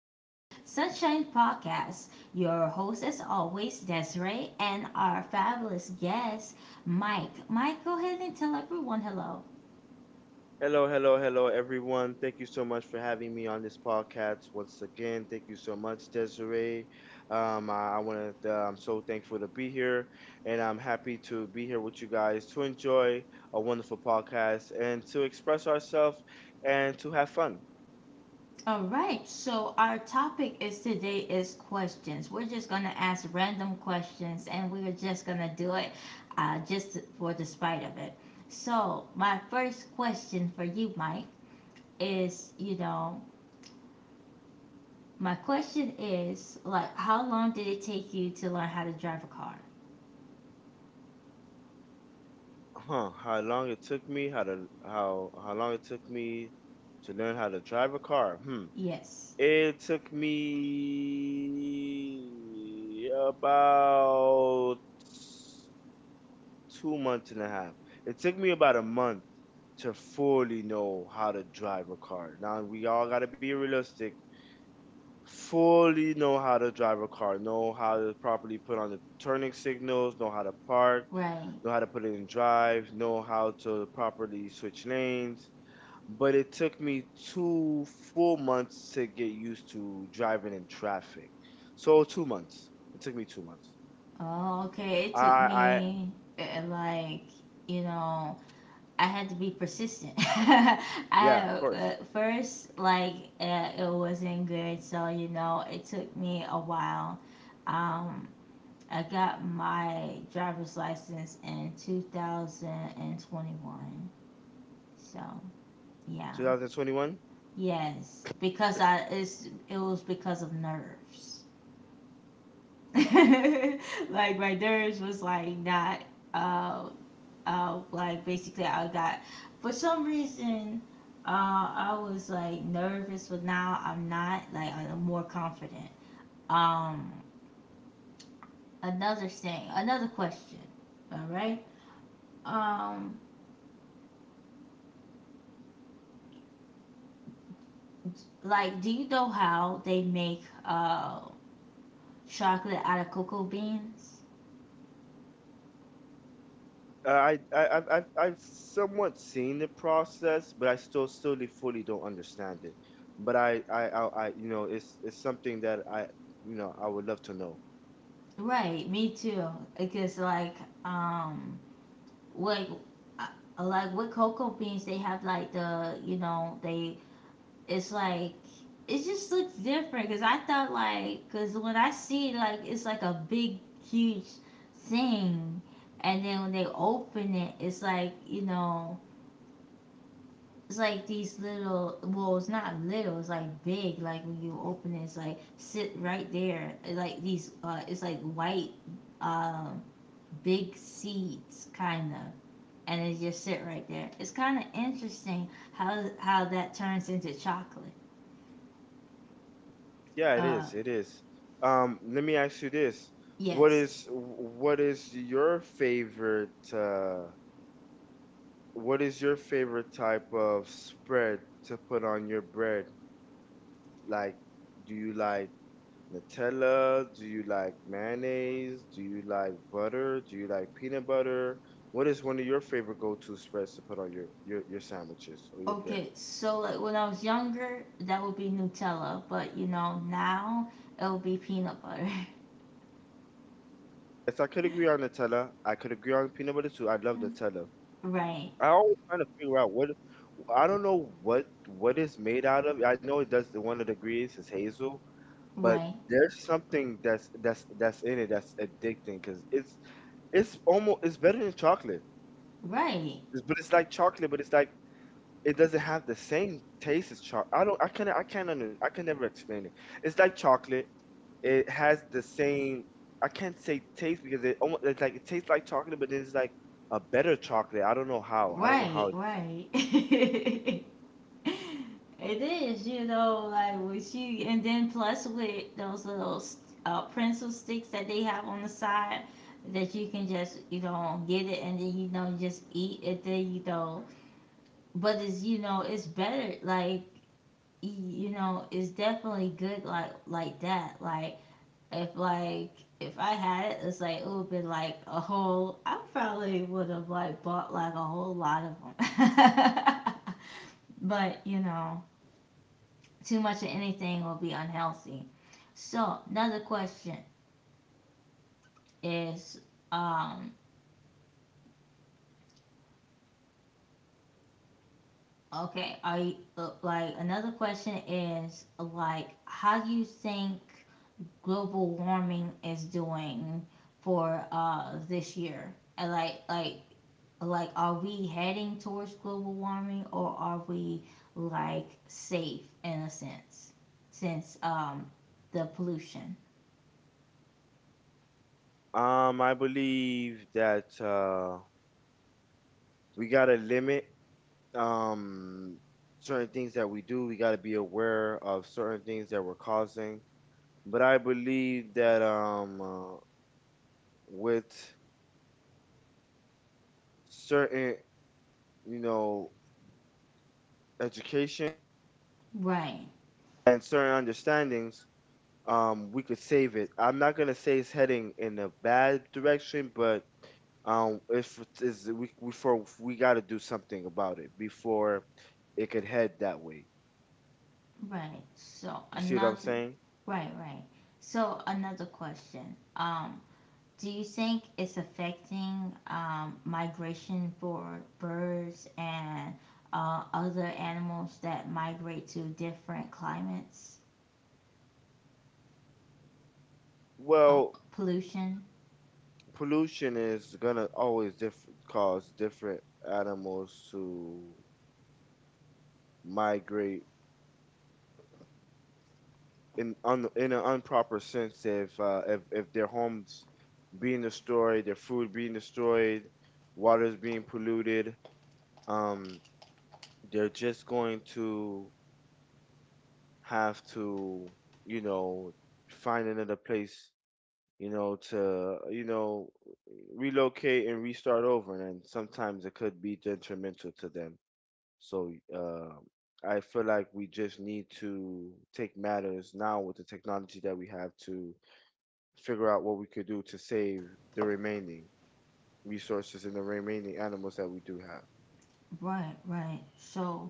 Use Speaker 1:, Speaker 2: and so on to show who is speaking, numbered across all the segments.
Speaker 1: into Sunshine Podcast. Your host, as always, Desiree, and our fabulous guest, Mike. Mike, go ahead and tell everyone hello.
Speaker 2: Hello, hello, hello, everyone. Thank you so much for having me on this podcast once again. Thank you so much, Desiree. I want to. I'm so thankful to be here, and I'm happy to be here with you guys to enjoy a wonderful podcast and to express ourselves and to have fun.
Speaker 1: All right. Our topic is today is questions. We're just going to ask random questions and we're just going to do it just for the spite of it. So, my first question for you, Mike, is my question is, like, how long did it take you to learn how to drive a car?
Speaker 2: Huh? How long it took me? How to how how long it took me to learn how to drive a car? Hmm.
Speaker 1: Yes.
Speaker 2: It took me about 2 months and a half. It took me about a month to fully know how to drive a car. Now we all gotta be realistic. Fully know how to drive a car, know how to properly put on the turning signals, know how to park,
Speaker 1: Right.
Speaker 2: know how to put it in drive, know how to properly switch lanes. But it took me two full months to get used to driving in traffic. So 2 months. It took me 2 months.
Speaker 1: Oh, okay. It
Speaker 2: I
Speaker 1: took
Speaker 2: I
Speaker 1: me, like, you know, I had to be persistent.
Speaker 2: yeah, of
Speaker 1: I
Speaker 2: course.
Speaker 1: first, like, it wasn't good, so it took me a while. Um, I got my driver's license in 2021. So, yeah.
Speaker 2: 2021.
Speaker 1: Yes, because I it's it was because of nerves. Like my nerves was like not uh like basically I got, for some reason, uh I was like nervous, but now I'm not. Like, I'm more confident. Um another thing, another question. All right? Um like, do you know how they make chocolate out of cocoa beans?
Speaker 2: I I've somewhat seen the process, but I still fully don't understand it. But I it's something that I I would love to know.
Speaker 1: Right, me too. Because, um, like, uh, like, with cocoa beans, they have like the, you know, they, it's like it just looks different. Cause I thought like, cause when I see it, like, it's like a big huge thing, and then when they open it, it's like, you know. It's like these little, well, it's not little. It's like big. Like when you open it, it's like sit right there. It's like these, it's like white, um, big seeds kind of, and it just sit right there. It's kind of interesting how that turns into chocolate.
Speaker 2: Yeah, it
Speaker 1: uh
Speaker 2: is. It is. Let me ask you this: what
Speaker 1: yes.
Speaker 2: is what is your favorite what is your favorite type of spread to put on your bread? Like, do you like Nutella? Do you like mayonnaise? Do you like butter? Do you like peanut butter? What is one of your favorite go-to spreads to put on your sandwiches or your bread?
Speaker 1: Okay, so like when I was younger that would be Nutella, but you know, now it would be peanut butter.
Speaker 2: Yes, I could agree on Nutella. I could agree on peanut butter too. I love Nutella.
Speaker 1: right
Speaker 2: I always trying to figure out what I don't know what is made out of. I know it does one of the ingredients is hazel, but
Speaker 1: right
Speaker 2: there's something that's in it that's addicting because it's almost it's better than chocolate.
Speaker 1: right
Speaker 2: But it's like chocolate, but it's like it doesn't have the same taste as chocolate. I don't. I can't. Under, I can never explain it. It's like chocolate. It has the same. I can't say taste because it almost it's like it tastes like chocolate, but it's like a better chocolate. I don't know how. I don't know
Speaker 1: right
Speaker 2: how.
Speaker 1: Right. It is, you know, like with you, and then plus with those little pencil sticks that they have on the side that you can just, you know, get it and then, you know, just eat it, then, you know, but it's, you know, it's better, like, you know, it's definitely good, like that. Like, if I had it, it's like, it would be like a whole, I probably would have, like, bought, like, a whole lot of them. But, you know, too much of anything will be unhealthy. So another question is, um, okay, are you, like, another question is like, how do you think global warming is doing for this year? And like, are we heading towards global warming or are we like safe in a sense since the pollution?
Speaker 2: I believe that we gotta limit um certain things that we do. We gotta be aware of certain things that we're causing. But I believe that with certain you know education
Speaker 1: Right.
Speaker 2: and certain understandings, we could save it. I'm not gonna say it's heading in a bad direction, but if it is we got to do something about it before it could head that way.
Speaker 1: Right. So
Speaker 2: You see what I'm
Speaker 1: another
Speaker 2: saying?
Speaker 1: Right, right. So another question. Do you think it's affecting migration for birds and other animals that migrate to different climates? Uh,
Speaker 2: Well,
Speaker 1: pollution?
Speaker 2: pollution is gonna always cause different animals to migrate in an improper sense if if their homes being destroyed, their food being destroyed, water is being polluted. Um, they're just going to have to you know find another place to relocate and restart over and sometimes it could be detrimental to them so I feel like we just need to take matters now with the technology that we have to figure out what we could do to save the remaining resources and the remaining animals that we do have.
Speaker 1: Right, right. So,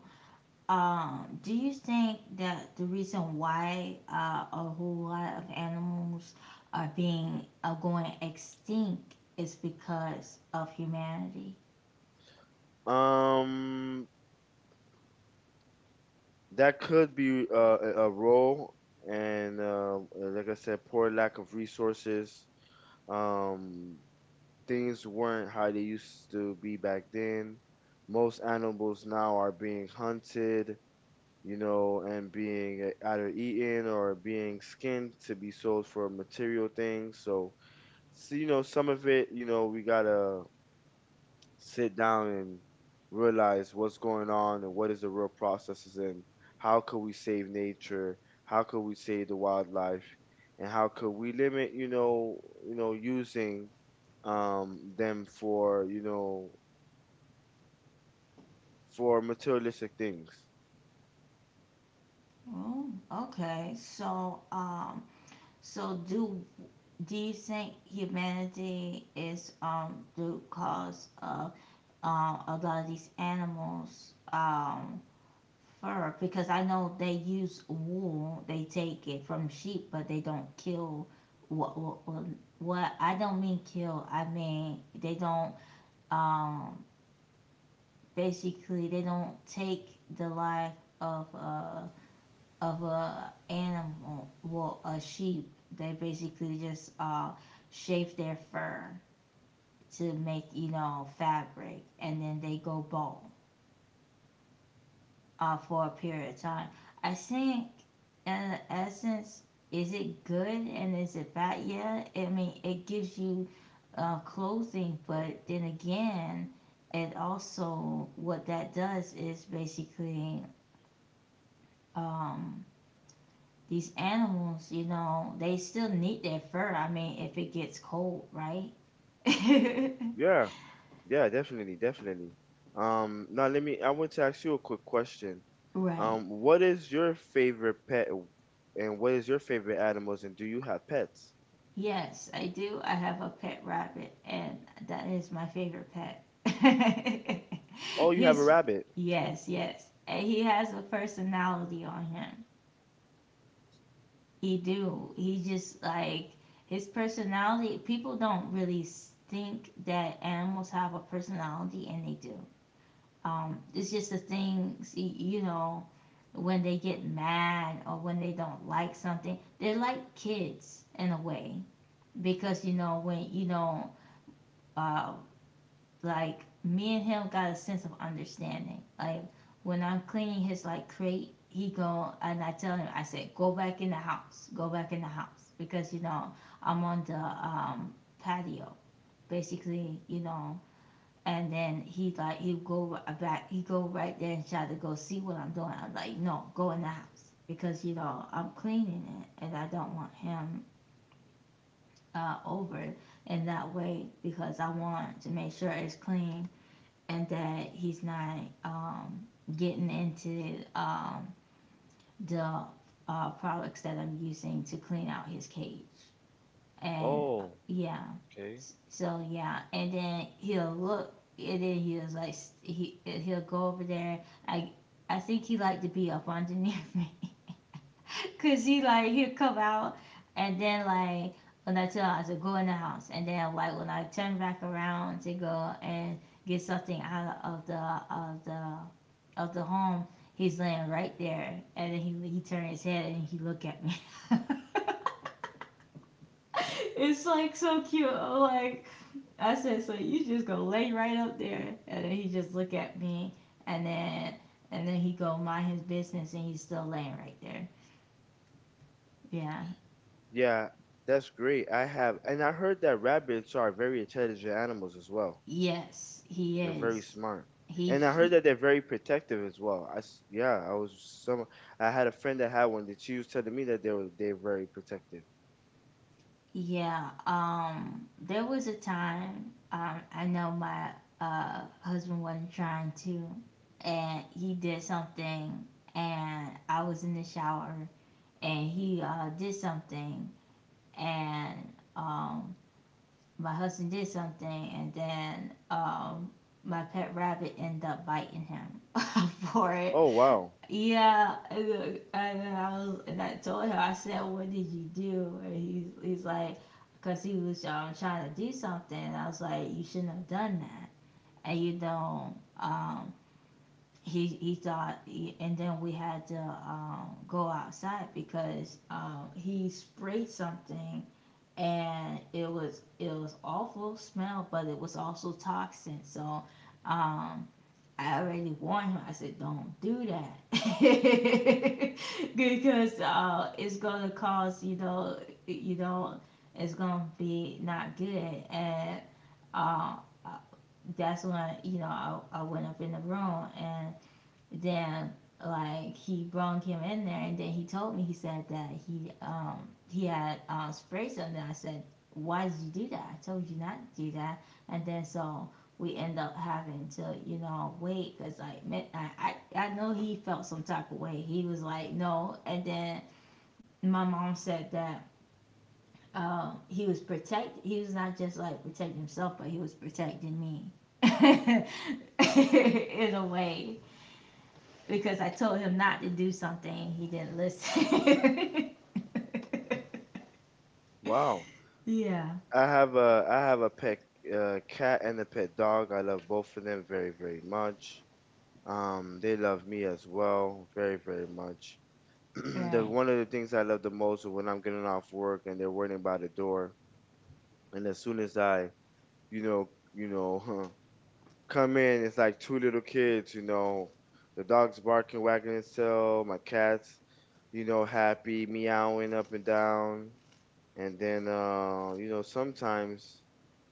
Speaker 1: Do you think that the reason why a whole lot of animals are going extinct is because of humanity?
Speaker 2: Um, that could be a role, and like I said, poor lack of resources. Um, things weren't how they used to be back then. Most animals now are being hunted, you know, and being either eaten or being skinned to be sold for material things. So you know, some of it, you know, we gotta sit down and realize what's going on and what is the real processes and how could we save nature, how could we save the wildlife, and how could we limit, using them for, you know, for materialistic things.
Speaker 1: Oh, okay. So, so do you think humanity is the cause of a lot of these animals fur, because I know they use wool. They take it from sheep, but they don't kill. What what? I don't mean kill. I mean they don't. Um, basically, they don't take the life of a animal. Well, a sheep. They basically just shave their fur to make, you know, fabric, and then they go bald for a period of time. I think, in essence, is it good and is it bad? Yeah, I mean, it gives you clothing, but then again, it also, what that does is basically, um, these animals, you know, they still need their fur. I mean, if it gets cold, right?
Speaker 2: Yeah, yeah, definitely, definitely. Now let me. I want to ask you a quick question.
Speaker 1: Right.
Speaker 2: What is your favorite pet and what is your favorite animals and do you have pets?
Speaker 1: Yes, I do. I have a pet rabbit, and that is my favorite pet.
Speaker 2: Oh, you have a
Speaker 1: His,
Speaker 2: rabbit.
Speaker 1: yes, yes. And he has a personality on him. He do. He just like his personality. People don't really think that animals have a personality, and they do. It's just the things you know when they get mad or when they don't like something. They're like kids in a way because you know when you know uh, like me and him got a sense of understanding. Like when I'm cleaning his like crate, he go and I tell him, I say go back in the house, go back in the house, because you know I'm on the patio basically, you know. And then he like he go back, he go right there and try to go see what I'm doing. I'm like, no, go in the house, because you know I'm cleaning it and I don't want him over in that way because I want to make sure it's clean and that he's not getting into, the products that I'm using to clean out his cage. And
Speaker 2: Oh,
Speaker 1: yeah,
Speaker 2: okay.
Speaker 1: so yeah, and then he'll look, and then he'll like he'll go over there. I I think he like to be up underneath me. Cause he like he'll come out and then like when I tell her to go in the house and then like when I turn back around to go and get something out of the of the of the home, he's laying right there, and then he turned his head and he look at me. It's like so cute. I'm like, I said, so you just go lay right up there, and then he just look at me and then and then he go mind his business and he's still laying right there. Yeah.
Speaker 2: Yeah, that's great. I have, and I heard that rabbits are very intelligent animals as well.
Speaker 1: Yes, he
Speaker 2: They're very
Speaker 1: is.
Speaker 2: smart. And I heard
Speaker 1: He
Speaker 2: that they're very protective as well. Yeah, I was some, I had a friend that had one that she was telling me that they're very protective.
Speaker 1: Yeah. There was a time. I know my husband wasn't trying to, and he did something, and I was in the shower, and he did something, and um my husband did something, and then my pet rabbit ended up biting him for it.
Speaker 2: Oh, wow.
Speaker 1: Yeah, and, look, and then I was, and I told him, I said, "What did you do?" And he's like, "Cause he was trying to do something." And I was like, "You shouldn't have done that." And you don't. Um, and then we had to go outside because he sprayed something, and it was awful smell, but it was also toxin. So, um, I already warned him. I said, don't do that because it's gonna cause, you know, you know, it's gonna be not good. And uh, uh, that's when, you know, I went up in the room and then like he brought him in there, and then he told me he said that he had sprays on. I said, why did you do that? I told you not to do that. And then so we end up having to, you know, wait because like I, I know he felt some type of way. He was like, no. And then my mom said that he was not just like protecting himself but he was protecting me in a way because I told him not to do something. He didn't listen.
Speaker 2: Wow.
Speaker 1: Yeah.
Speaker 2: I have a pet cat and a pet dog. I love both of them very, very much. They love me as well, very, very much. The
Speaker 1: Right.
Speaker 2: one of the things I love the most is when I'm getting off work and they're waiting by the door, and as soon as I, you know, you know, huh, come in, it's like two little kids, you know, the dog's barking, wagging its tail, my cat's, you know, happy, meowing up and down, and then you know, sometimes,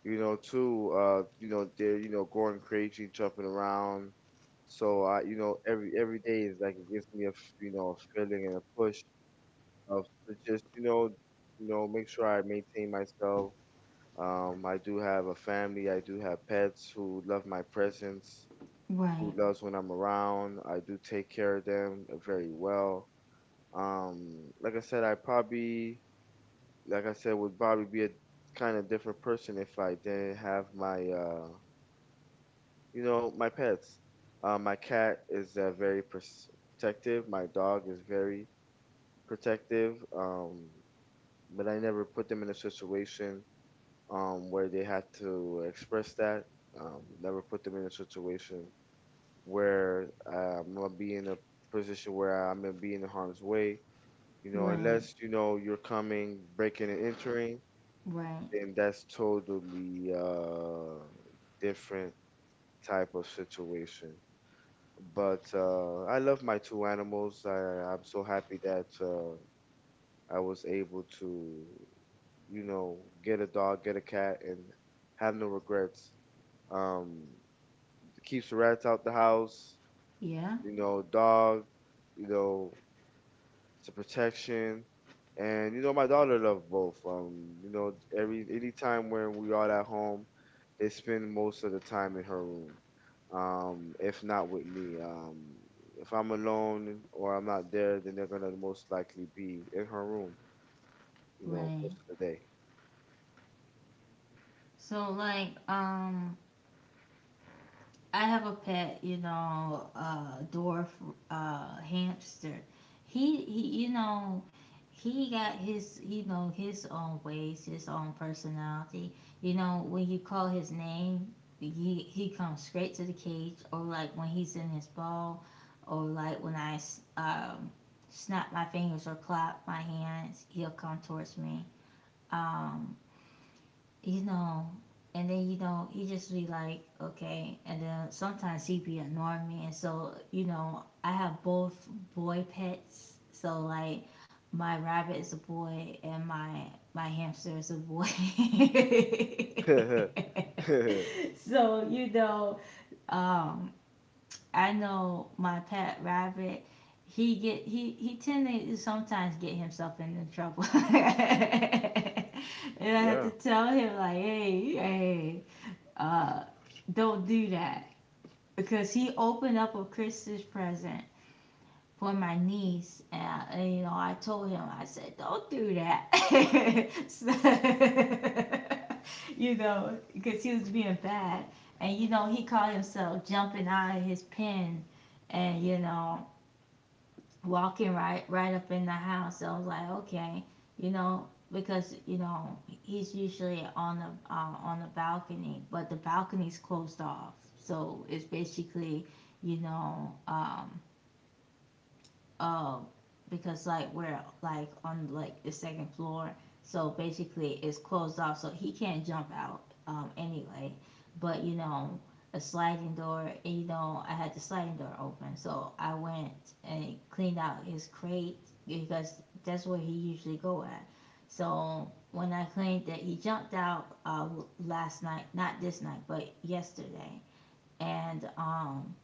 Speaker 2: you know, they're, you know, going crazy, jumping around. So I, you know, every day is like it gives me you know, a feeling and a push of to just, make sure I maintain myself. I do have a family. I do have pets who love my presence, who
Speaker 1: Right.
Speaker 2: loves when I'm around. I do take care of them very well. Um, like I said, I probably like I said, would probably be a kind of different person if I didn't have my, you know, my pets. My cat is very protective. My dog is very protective. But I never put them in a situation where they had to express that. Never put them in a situation where I'm gonna be in a position where I'm gonna be in harm's way. You know,
Speaker 1: Right.
Speaker 2: unless you know you're coming, breaking and entering
Speaker 1: Right.
Speaker 2: then that's totally different type of situation. But I love my two animals. I'm so happy that I was able to, you know, get a dog, get a cat, and have no regrets. Um, keeps the rats out the house.
Speaker 1: Yeah.
Speaker 2: You know, dog. You know, it's a protection. And you know, my daughter loved both. You know, every any time when we are at home, they spend most of the time in her room. If not with me. If I'm alone or I'm not there, then they're gonna most likely be in her room, you know,
Speaker 1: Right.
Speaker 2: most of the
Speaker 1: So, like, I have a pet, you know, dwarf hamster. You know, he got his, you know, his own ways, his own personality. You know, when you call his name, he he comes straight to the cage. Or like when he's in his ball, or like when I snap my fingers or clap my hands, he'll come towards me. Um, you know, and then you know he just be like, okay, and then sometimes he be annoying me, and so you know I have both boy pets, so like my rabbit is a boy and my hamster is a boy.
Speaker 2: day.
Speaker 1: So you know, um, I know my pet rabbit. He tend to sometimes get himself into trouble, and I have
Speaker 2: Yeah,
Speaker 1: to tell him, like, hey, hey, uh, don't do that, because he opened up a Christmas present for my niece, and you know, I told him, I said, don't do that. So, you know, because he was being bad, and you know, he caught himself jumping out of his pen, and you know, walking up in the house. So I was like, okay, you know, because you know he's usually on the, on the balcony, but the balcony's closed off, so it's basically, you know, um, because like we're like on like the second floor, so basically it's closed off, so he can't jump out anyway. But you know, a sliding door, and you know, I had the sliding door open, so I went and cleaned out his crate because that's where he usually go at. So when I claimed that he jumped out last night, not this night, but yesterday, and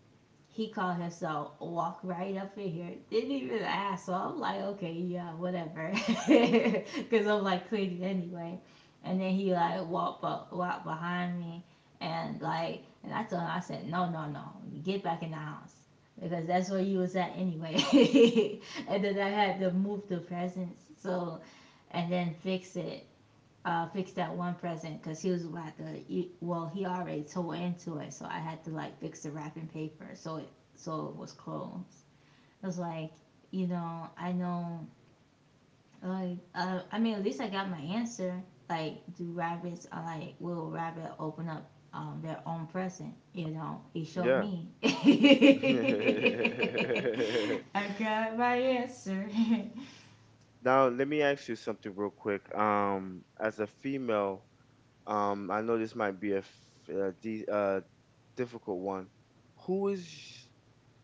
Speaker 1: he called himself walk right up in here. Didn't even ask. So I'm like, okay, yeah, whatever. Cause I'm like cleaning anyway. And then he like walked up, walked behind me and like and I told him I said, No, no, no. Get back in the house. Because that's where you was at anyway. And then I had to move the presents so and then fix it fix that one present because he was about to eat. Well, he already tore into it, so I had to like fix the wrapping paper so it was closed. It was like you know I know like I mean at least I got my answer. Like do rabbits are like will rabbit open up their own present? You know he showed
Speaker 2: yeah.
Speaker 1: me. I got my answer.
Speaker 2: Now, let me ask you something real quick. As a female, um, I know this might be a difficult one. Who is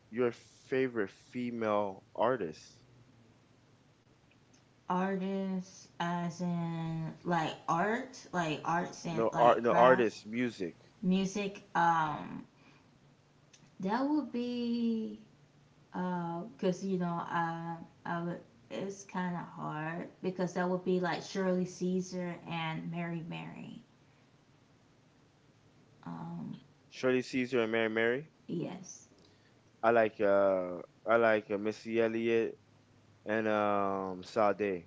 Speaker 2: your favorite female artist?
Speaker 1: Artists as in like art, like arts and
Speaker 2: No
Speaker 1: like
Speaker 2: art, no
Speaker 1: crafts,
Speaker 2: artist, music.
Speaker 1: music. That would be cause you know I would. It's kind of hard because that would be like Shirley Caesar and Mary Mary. Um,
Speaker 2: Shirley Caesar and Mary Mary.
Speaker 1: yes.
Speaker 2: I like uh, I like Missy Elliott and Sade.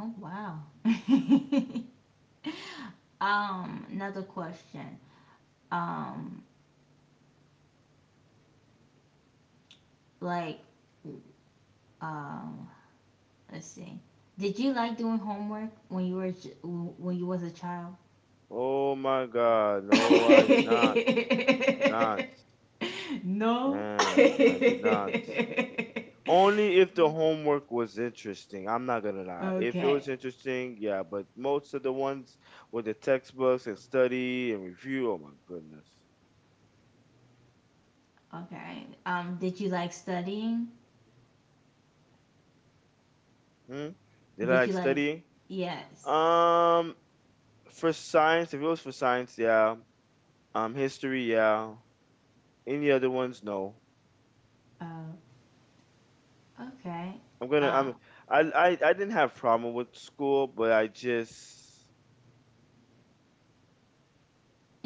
Speaker 1: Oh wow. Another question. Um, like um Let's see. Did you like doing homework when you were when you was a child?
Speaker 2: Oh my God, I did not,
Speaker 1: No.
Speaker 2: man, I did not.
Speaker 1: Okay.
Speaker 2: Only if the homework was interesting. I'm not gonna lie. If it was
Speaker 1: Okay.
Speaker 2: interesting, yeah, but most of the ones with the textbooks and study and review, oh my goodness.
Speaker 1: Did you like studying?
Speaker 2: Hmm? Did I
Speaker 1: Did you
Speaker 2: like
Speaker 1: like?
Speaker 2: studying?
Speaker 1: Yes.
Speaker 2: Um, for science, if it was for science, yeah. History, yeah. Any other ones, no.
Speaker 1: Oh. Okay.
Speaker 2: I'm gonna.
Speaker 1: Uh.
Speaker 2: I'm. I. I. I didn't have problem with school, but I just.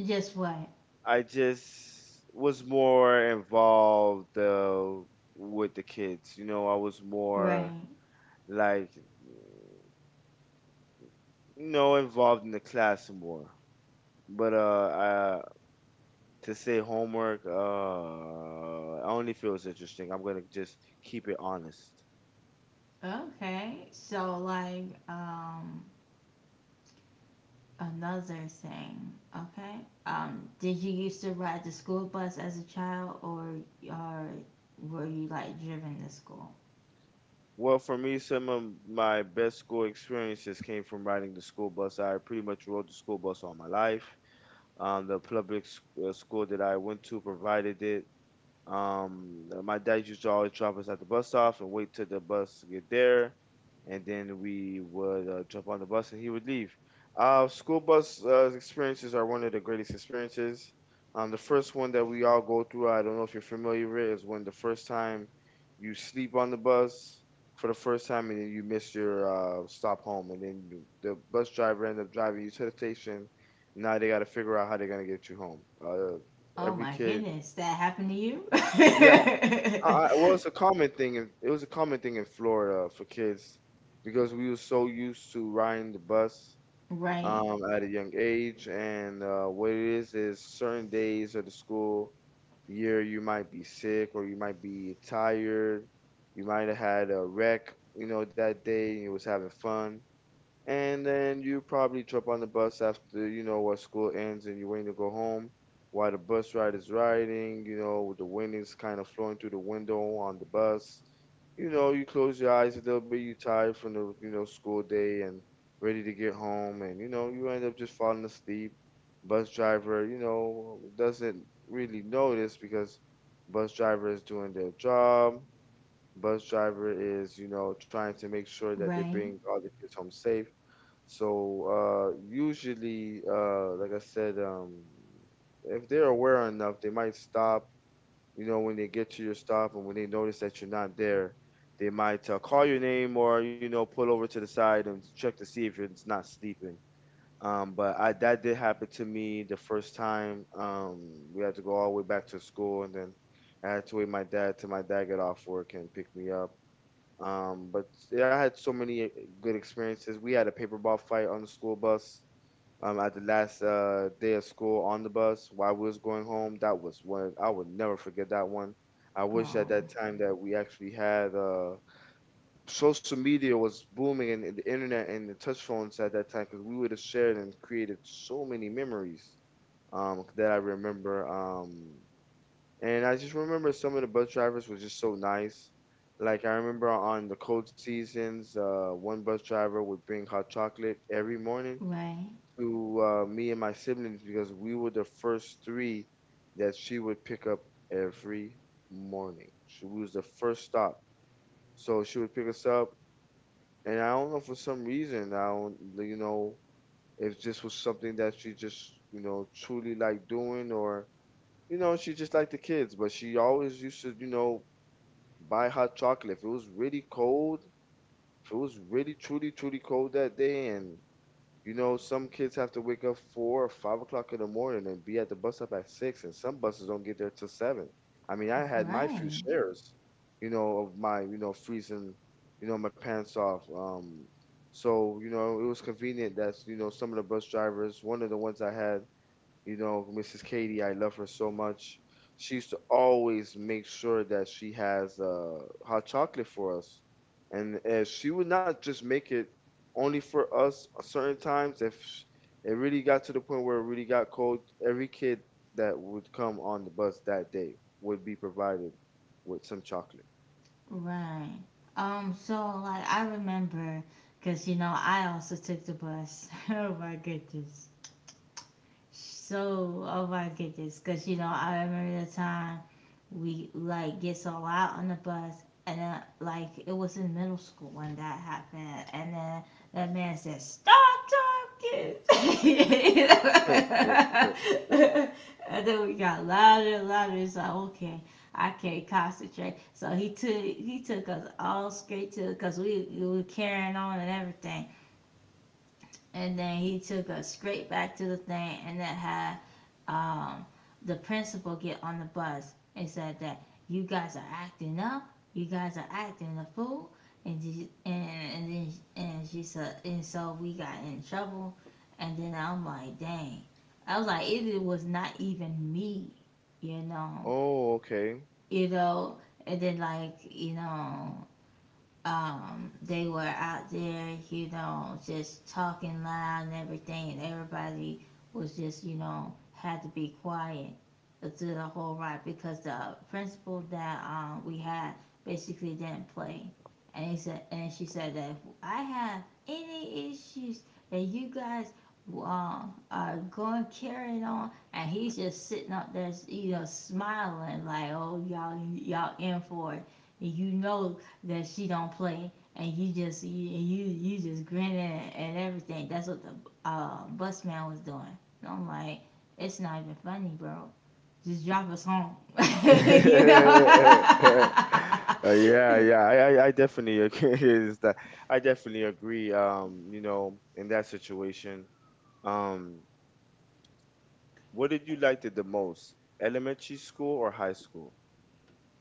Speaker 1: Just what?
Speaker 2: I just was more involved with the kids. You know, I was more
Speaker 1: Right.
Speaker 2: like, you know, involved in the class more. But I, to say homework, I only feel it's interesting. I'm gonna just keep it honest.
Speaker 1: Okay. So like. Another thing, okay. Did you used to ride the school bus as a child, or were you like driven to school?
Speaker 2: Well, for me, some of my best school experiences came from riding the school bus. I pretty much rode the school bus all my life. The school that I went to provided it. My dad used to always drop us at the bus stop and wait till the bus get there, and then we would jump on the bus and he would leave. School bus experiences are one of the greatest experiences. The first one that we all go through, I don't know if you're familiar with, is when the first time you sleep on the bus for the first time and then you miss your stop home, and then the bus driver end up driving you to the station. Now they got to figure out how they're gonna get you home.
Speaker 1: Oh
Speaker 2: Every
Speaker 1: my
Speaker 2: kid.
Speaker 1: goodness, that happened to you?
Speaker 2: I, well, it's a common thing. It was a common thing in Florida for kids because we were so used to riding the bus
Speaker 1: Right,
Speaker 2: at a young age. And what it is certain days of the school year, you might be sick or you might be tired. You might have had a wreck, you know, that day and you was having fun. And then you probably jump on the bus after, you know, what school ends and you're waiting to go home while the bus ride is riding, you know, with the wind is kind of flowing through the window on the bus. You know, you close your eyes a little bit, you tired from the, you know, school day and ready to get home. And, you know, you end up just falling asleep. Bus driver, you know, doesn't really notice because bus driver is doing their job. Bus driver is, you know, trying to make sure that they
Speaker 1: right.
Speaker 2: bring all the kids home safe, so usually, like I said, if they're aware enough, they might stop. You know, when they get to your stop and when they notice that you're not there, they might call your name, or you know, pull over to the side and check to see if you're not sleeping. But I that did happen to me the first time. We had to go all the way back to school, and then I had to wait my dad till my dad got off work and pick me up. But yeah, I had so many good experiences. We had a paper ball fight on the school bus at the last day of school on the bus while we was going home. That was one I would never forget that one. I wish
Speaker 1: Oh,
Speaker 2: at that time that we actually had social media was booming, and the internet and the touch phones at that time, because we would have shared and created so many memories that I remember. And I just remember some of the bus drivers were just so nice. Like I remember on the cold seasons, one bus driver would bring hot chocolate every morning
Speaker 1: right,
Speaker 2: to me and my siblings, because we were the first three that she would pick up every morning. She was the first stop, so she would pick us up. And I don't know, for some reason, I don't, you know, if this was something that she just, you know, truly liked doing, or you know, she just liked the kids, but she always used to, you know, buy hot chocolate. If it was really cold, if it was really truly, truly cold that day, and you know, some kids have to wake up 4 or 5 o'clock in the morning and be at the bus stop at six, and some buses don't get there till seven. I mean, I had my few
Speaker 1: right,
Speaker 2: shares, you know, of my, you know, freezing, you know, my pants off. So, you know, it was convenient that, you know, some of the bus drivers, one of the ones I had, you know, Mrs. Katie, I love her so much. She used to always make sure that she has hot chocolate for us. And she would not just make it only for us at certain times. If it really got to the point where it really got cold, every kid that would come on the bus that day would be provided with some chocolate.
Speaker 1: right. So like I remember, cause you know I also took the bus. Oh my goodness. So, oh my goodness, because you know, I remember the time we like gets all out on the bus, and then like it was in middle school when that happened, and then that man said, "Stop talking," and then we got louder and louder. It's like, okay, I can't concentrate. So he took us all straight to because we were carrying on and everything and then he took us straight back to the thing and that had um, the principal get on the bus and said that you guys are acting up, you guys are acting a fool, and she said and so we got in trouble, and then I'm like dang, I was like it was not even me, you know,
Speaker 2: Oh, okay.
Speaker 1: you know, and then like you know they were out there, you know, just talking loud and everything, and everybody was just, you know, had to be quiet through the whole ride because the principal that we had basically didn't play. And she said that if I have any issues that you guys uh, are going carrying on, and he's just sitting up there, you know, smiling like, oh y'all, y'all in for it. And you know that she don't play, and you just grinning at everything. That's what the bus man was doing. And I'm like, it's not even funny, bro. Just drop us home, you know.
Speaker 2: Yeah, yeah, I definitely agree. Is that I definitely agree. You know, in that situation, um, what did you like it the most, elementary school or high school?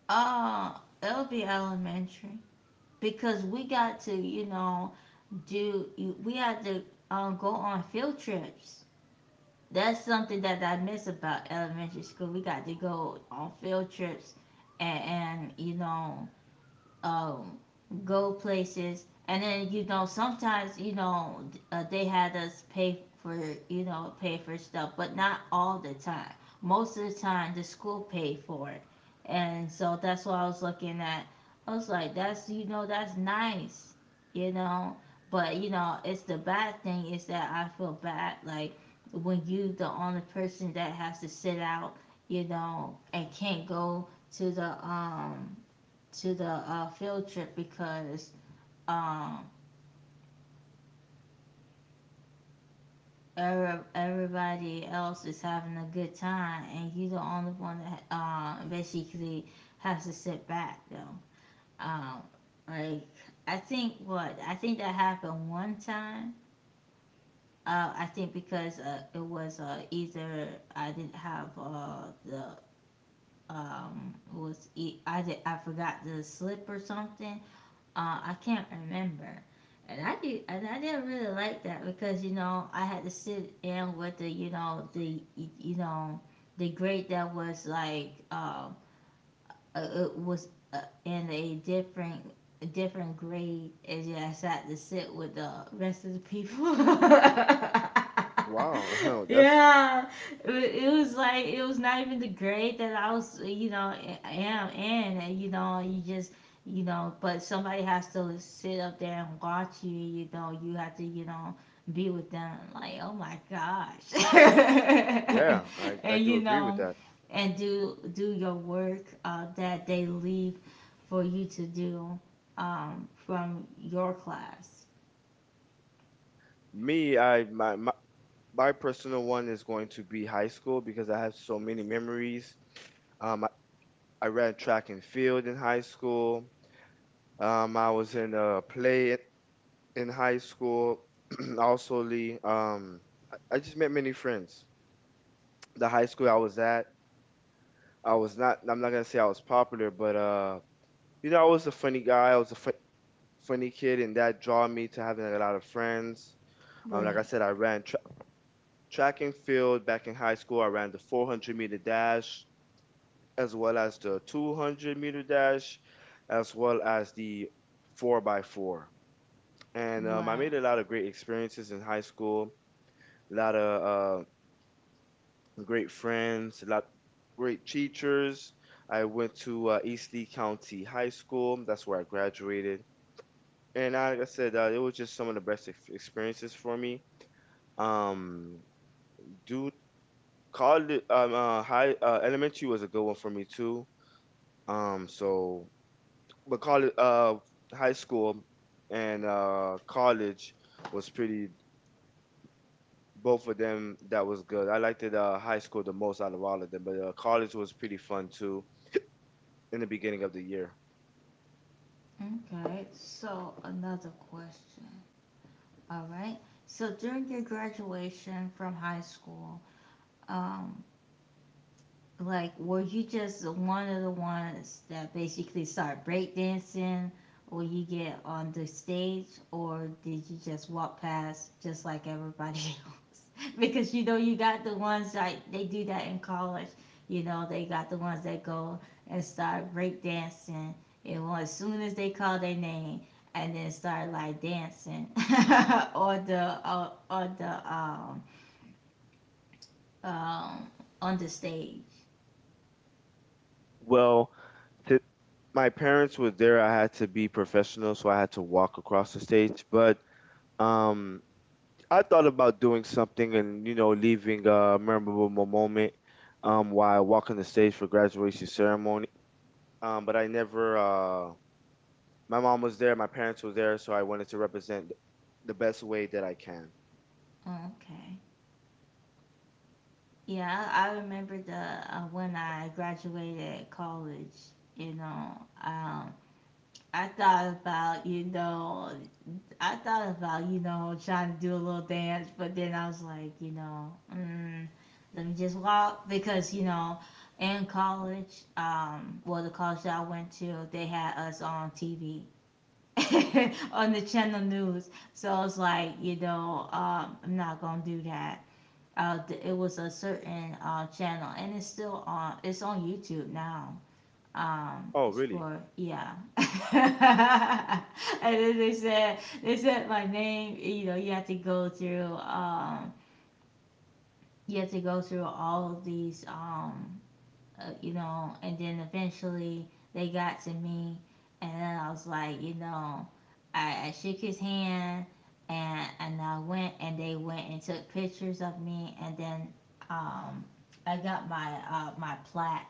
Speaker 1: uh, it'll be elementary because we got to you know do we had to go on field trips. That's something that I miss about elementary school. We got to go on field trips and you know um, go places. And then you know sometimes you know they had us pay for you know pay for stuff, but not all the time. Most of the time the school paid for it, and so that's what I was looking at. I was like, that's you know that's nice, you know. But you know it's the bad thing is that I feel bad like when you the only person that has to sit out, you know, and can't go to the to the field trip because um everybody else is having a good time and you're the only one that basically has to sit back though. Um, like I think what I think that happened one time. I think because it was either I didn't have the it was I did I forgot the slip or something I can't remember. And I didn't really like that because you know I had to sit in with the you know the you know the grade that was like it was in a different grade and just had to sit with the rest of the people.
Speaker 2: Wow, that's
Speaker 1: Yeah, it was like it was not even the grade that I was, you know, I am in, and you know, you just. You know, but somebody has to sit up there and watch you. You know, you have to, you know, be with them. Like, oh my gosh,
Speaker 2: yeah, I
Speaker 1: and
Speaker 2: do
Speaker 1: you
Speaker 2: agree with
Speaker 1: know,
Speaker 2: that.
Speaker 1: and do your work that they leave for you to do from your class.
Speaker 2: Me, my my personal one is going to be high school because I have so many memories. Um, I, I ran track and field in high school. I was in a play in high school, also Lee, I just met many friends. The high school I was at, I was not. I'm not gonna say I was popular, but you know, I was a funny guy. I was a fu- funny kid, and that draw me to having a lot of friends. Like I
Speaker 1: Right.
Speaker 2: said, track and field back in high school. I ran the 400-meter dash, as well as the 200-meter dash, as well as the four by four. And I
Speaker 1: Right.
Speaker 2: made a lot of great experiences in high school. A lot of great friends, a lot great teachers. I went to East Lee County High School. That's where I graduated, and I, like I said it was just some of the best experiences for me. Um, do college, high elementary was a good one for me too. Um, so but college, high school and college was pretty. Both of them that was good. I liked it high school the most out of all of them, but college was pretty fun too in the beginning of the year.
Speaker 1: Okay. So another question. All right. So during your graduation from high school, um, like were you just one of the ones that basically start breakdancing or you get on the stage or did you just walk past just like everybody else because you know you got the ones like they do that in college you know they got the ones that go and start breakdancing and well, as soon as they call their name and then start like dancing on the on the um on the stage.
Speaker 2: Well, th- my parents were there. I had to be professional, so I had to walk across the stage. But um, I thought about doing something and you know leaving a memorable moment while walking the stage for graduation ceremony. But I never. My mom was there, my parents were there, so I wanted to represent the best way that I can.
Speaker 1: Okay. Yeah, I remember the when I graduated college. You know, um, I thought about you know, I thought about you know trying to do a little dance, but then I was like, you know, mm, let me just walk because you know, in college, well, the college that I went to, they had us on TV. On the channel news so it's like you know I'm not gonna do that it was a certain channel, and it's still on. It's on YouTube now.
Speaker 2: Oh,
Speaker 1: It's
Speaker 2: really?
Speaker 1: for yeah. And then they said my name. You know, you have to go through. You have to go through all of these. You know, and then eventually they got to me, and then I was like, you know, I shook his hand, and I went, and they went and took pictures of me, and then um, I got my my plaque,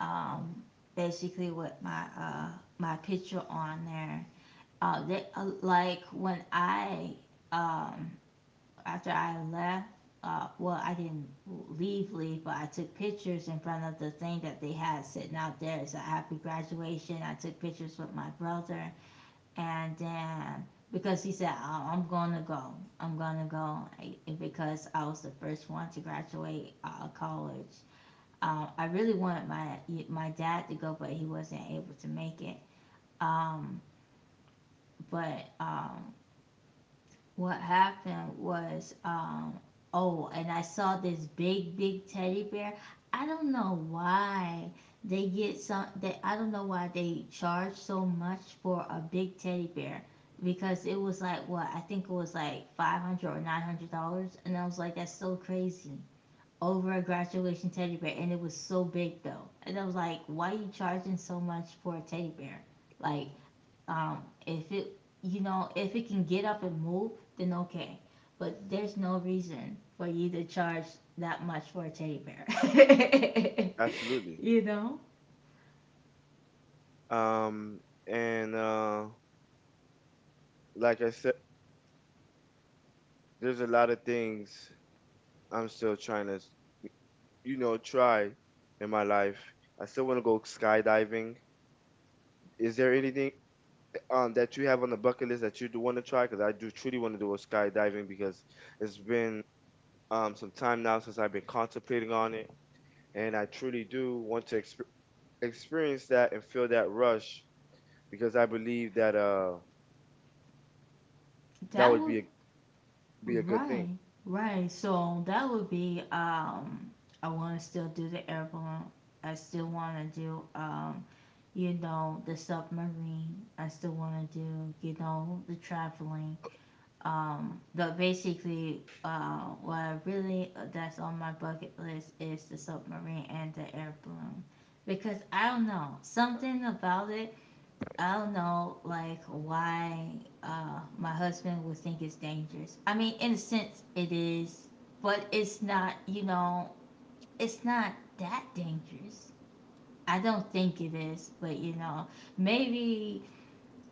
Speaker 1: um, basically with my my picture on there. Like when I um, after I left, well, I didn't leave, leave, but I took pictures in front of the thing that they had sitting out there. It's a happy graduation. I took pictures with my brother, and then because he said, oh, I'm gonna go, because I was the first one to graduate college. I really wanted my dad to go, but he wasn't able to make it. Um, but what happened was um oh and I saw this big big teddy bear. I don't know why they get some they I don't know why they charge so much for a big teddy bear because it was like what I think it was like 500 or $900 and I was like that's so crazy over a graduation teddy bear and it was so big though and I was like why are you charging so much for a teddy bear like if it, you know, if it can get up and move, then okay. But there's no reason for you to charge that much for a teddy bear.
Speaker 2: Absolutely.
Speaker 1: You know,
Speaker 2: Um, and like I said, there's a lot of things I'm still trying to, you know, try in my life. I still want to go skydiving. Is there anything that you have on the bucket list that you do want to try? Because I do truly want to do a skydiving because it's been some time now since I've been contemplating on it, and I truly do want to experience that and feel that rush because I believe that uh that
Speaker 1: that
Speaker 2: would
Speaker 1: would
Speaker 2: be a be a good thing.
Speaker 1: right, right. So that would be. I want to still do the airborne. I still want to do. You know, the submarine. I still want to do, you know, the traveling. But basically, what I really that's on my bucket list is the submarine and the air balloon, because I don't know something about it. I don't know like why my husband would think it's dangerous. I mean, in a sense, it is, but it's not. You know, it's not that dangerous. I don't think it is, but maybe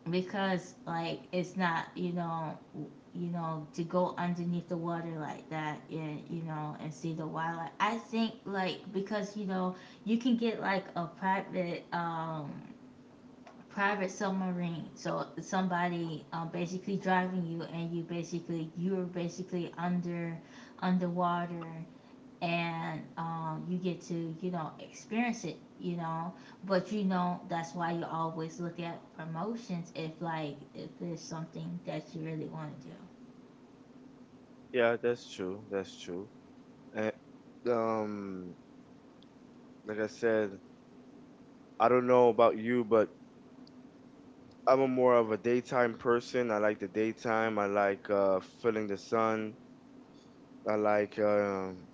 Speaker 1: because like it's not you know you know to go underneath the water like that, and you know and see the wildlife. I think, like because you know you can get like a private private submarine, so somebody basically driving you, and you're basically underwater, and you get to experience it. But that's why you always look at promotions, if there's something that you really want to do.
Speaker 2: Yeah, that's true. That's true. And um, like I said, I don't know about you, but I'm a more of a daytime person. I like the daytime. I like feeling the sun. I like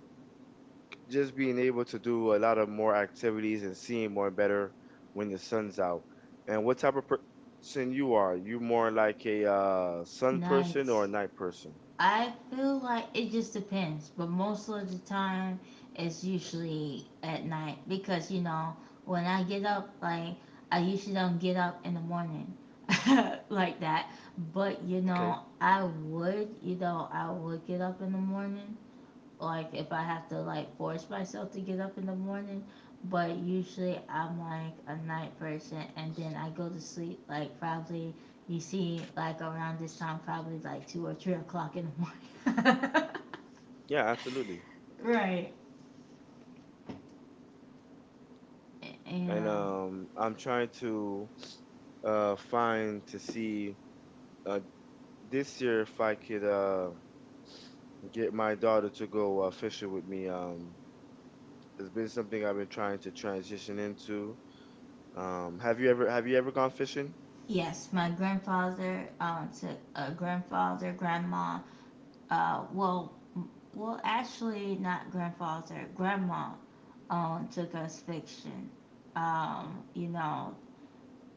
Speaker 2: just being able to do a lot of more activities and seeing more better when the sun's out. And what type of person you are? You more like a sun person or
Speaker 1: Nights.
Speaker 2: a night person?
Speaker 1: I feel like it just depends, but most of the time it's usually at night, because when I get up, I usually don't get up in the morning like that. But
Speaker 2: Okay.
Speaker 1: I would get up in the morning like if I have to, like, force myself to get up in the morning. But usually I'm like a night person, and then I go to sleep, like, probably, you see, like, around this time, probably like 2 or 3 o'clock in the morning.
Speaker 2: Yeah, absolutely.
Speaker 1: Right.
Speaker 2: And
Speaker 1: And
Speaker 2: I'm trying to find to see uh, this year if I could get my daughter to go fishing with me. It's been something I've been trying to transition into. Have you ever gone fishing?
Speaker 1: yes, my grandfather took a grandma, uh well well, actually, not grandfather, grandma, took us fiction. Um, you know,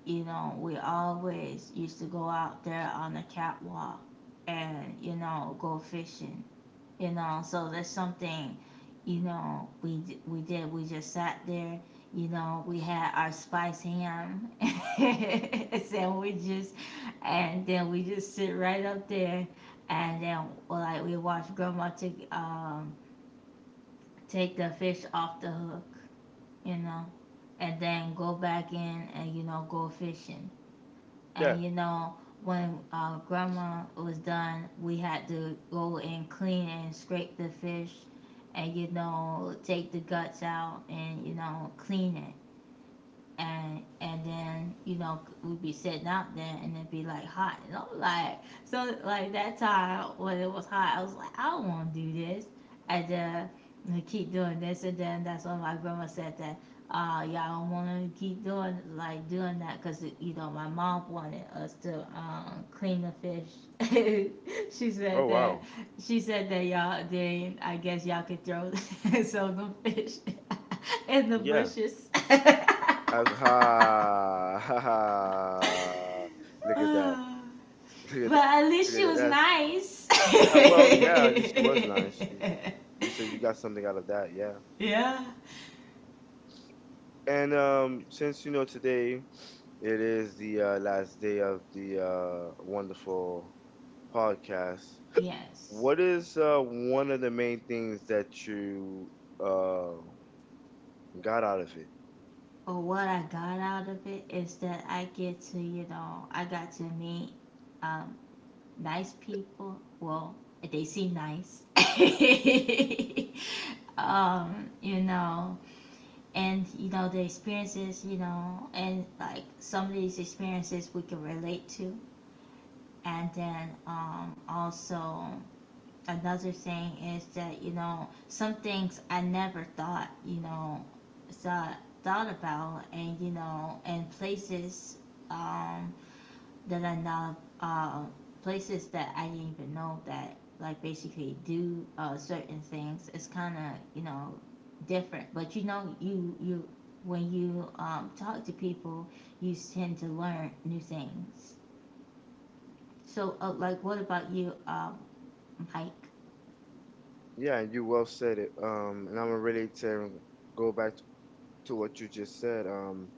Speaker 1: we always used to go out there on the catwalk and, go fishing, So that's something, you know, we did. We just sat there, we had our spice ham sandwiches, and then we just sit right up there, and then, like, we watch grandma take take the fish off the hook, you know, and then go back in and go fishing.
Speaker 2: Yeah.
Speaker 1: And you know, when uh, grandma was done, we had to go and clean and scrape the fish and, take the guts out and, clean it. And then, we'd be sitting out there and it'd be like hot, and I'm like, so, like, that time when it was hot, I was like, I don't want to do this. And then I keep doing this, and then that's when my grandma said that y'all don't want to keep doing, like, doing that, because my mom wanted us to clean the fish. She
Speaker 2: Oh
Speaker 1: said that,
Speaker 2: wow.
Speaker 1: she said that, y'all, then I guess y'all could throw some of the fish in the
Speaker 2: Yeah.
Speaker 1: bushes.
Speaker 2: I was, ha ha ha. Look at that. Look at
Speaker 1: But
Speaker 2: that.
Speaker 1: at
Speaker 2: Look
Speaker 1: least
Speaker 2: at
Speaker 1: she
Speaker 2: that.
Speaker 1: was
Speaker 2: That's
Speaker 1: nice.
Speaker 2: yeah. Well, yeah. At least she was nice. She, at least you got something out of that. Yeah.
Speaker 1: Yeah.
Speaker 2: And since you know today, it is the last day of the wonderful podcast.
Speaker 1: Yes.
Speaker 2: What is one of the main things that you uh, got out of it.
Speaker 1: But what I got out of it is that I get to, you know, I got to meet um, nice people. Well, they seem nice. um, you know, and the experiences, you know, and like some of these experiences we can relate to. And then also, another thing is that, some things I never thought, thought thought about, and, and places, um that I know, places that I didn't even know that, like, basically do certain things. It's kind of, different. But, you know you you when you talk to people, you tend to learn new things. So, like, what about you, Mike?
Speaker 2: Yeah, and you well said it. And I'm gonna really to go back t- to what you just said.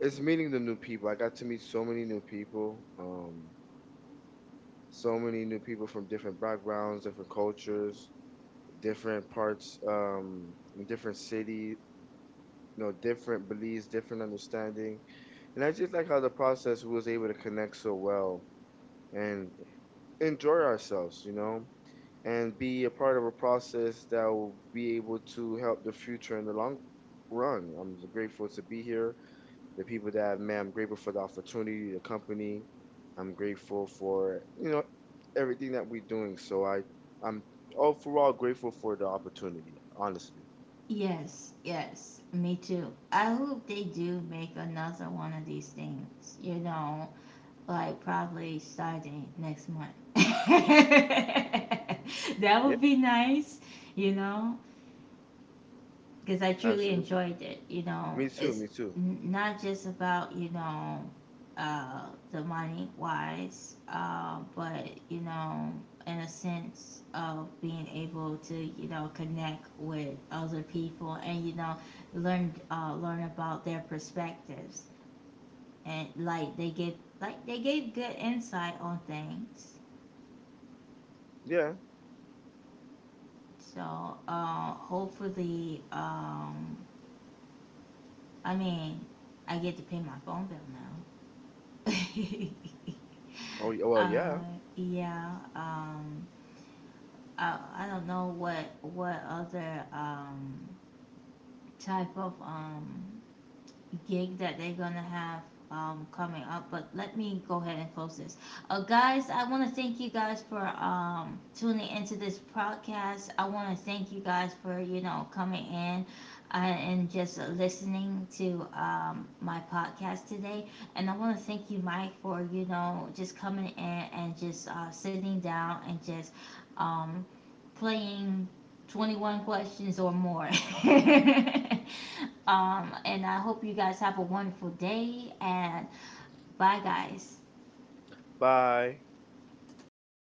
Speaker 2: It's meeting the new people. I got to meet so many new people. So many new people from different backgrounds, different cultures, different parts, in different city, you know, different beliefs, different understanding. And I just like how the process we was able to connect so well. And enjoy ourselves, you know, and be a part of a process that will be able to help the future in the long run. I'm grateful to be here. The people that I've met, I'm grateful for the opportunity, the company. I'm grateful for, you know, everything that we're doing. So I'm overall grateful for the opportunity, honestly.
Speaker 1: Yes, yes, me too. I hope they do make another one of these things, you know, like probably starting next month. That
Speaker 2: Yeah,
Speaker 1: would be nice, you know because I truly
Speaker 2: absolutely.
Speaker 1: enjoyed it. You know,
Speaker 2: Me too,
Speaker 1: it's
Speaker 2: me too.
Speaker 1: not just about, the money wise, but you know, in a sense of being able to, connect with other people, and learn about their perspectives. And like they give like they gave good insight on things.
Speaker 2: Yeah.
Speaker 1: So, hopefully, I mean, I get to pay my phone bill now.
Speaker 2: Oh, well, yeah.
Speaker 1: uh, yeah. I don't know what other type of gig that they're gonna have coming up. But let me go ahead and close this. Guys, I want to thank you guys for tuning into this podcast. I want to thank you guys for, coming in. And just listening to my podcast today, and I want to thank you, Mike, for just coming in and just sitting down and just um, playing 21 questions or more. And I hope you guys have a wonderful day, and bye, guys.
Speaker 2: Bye.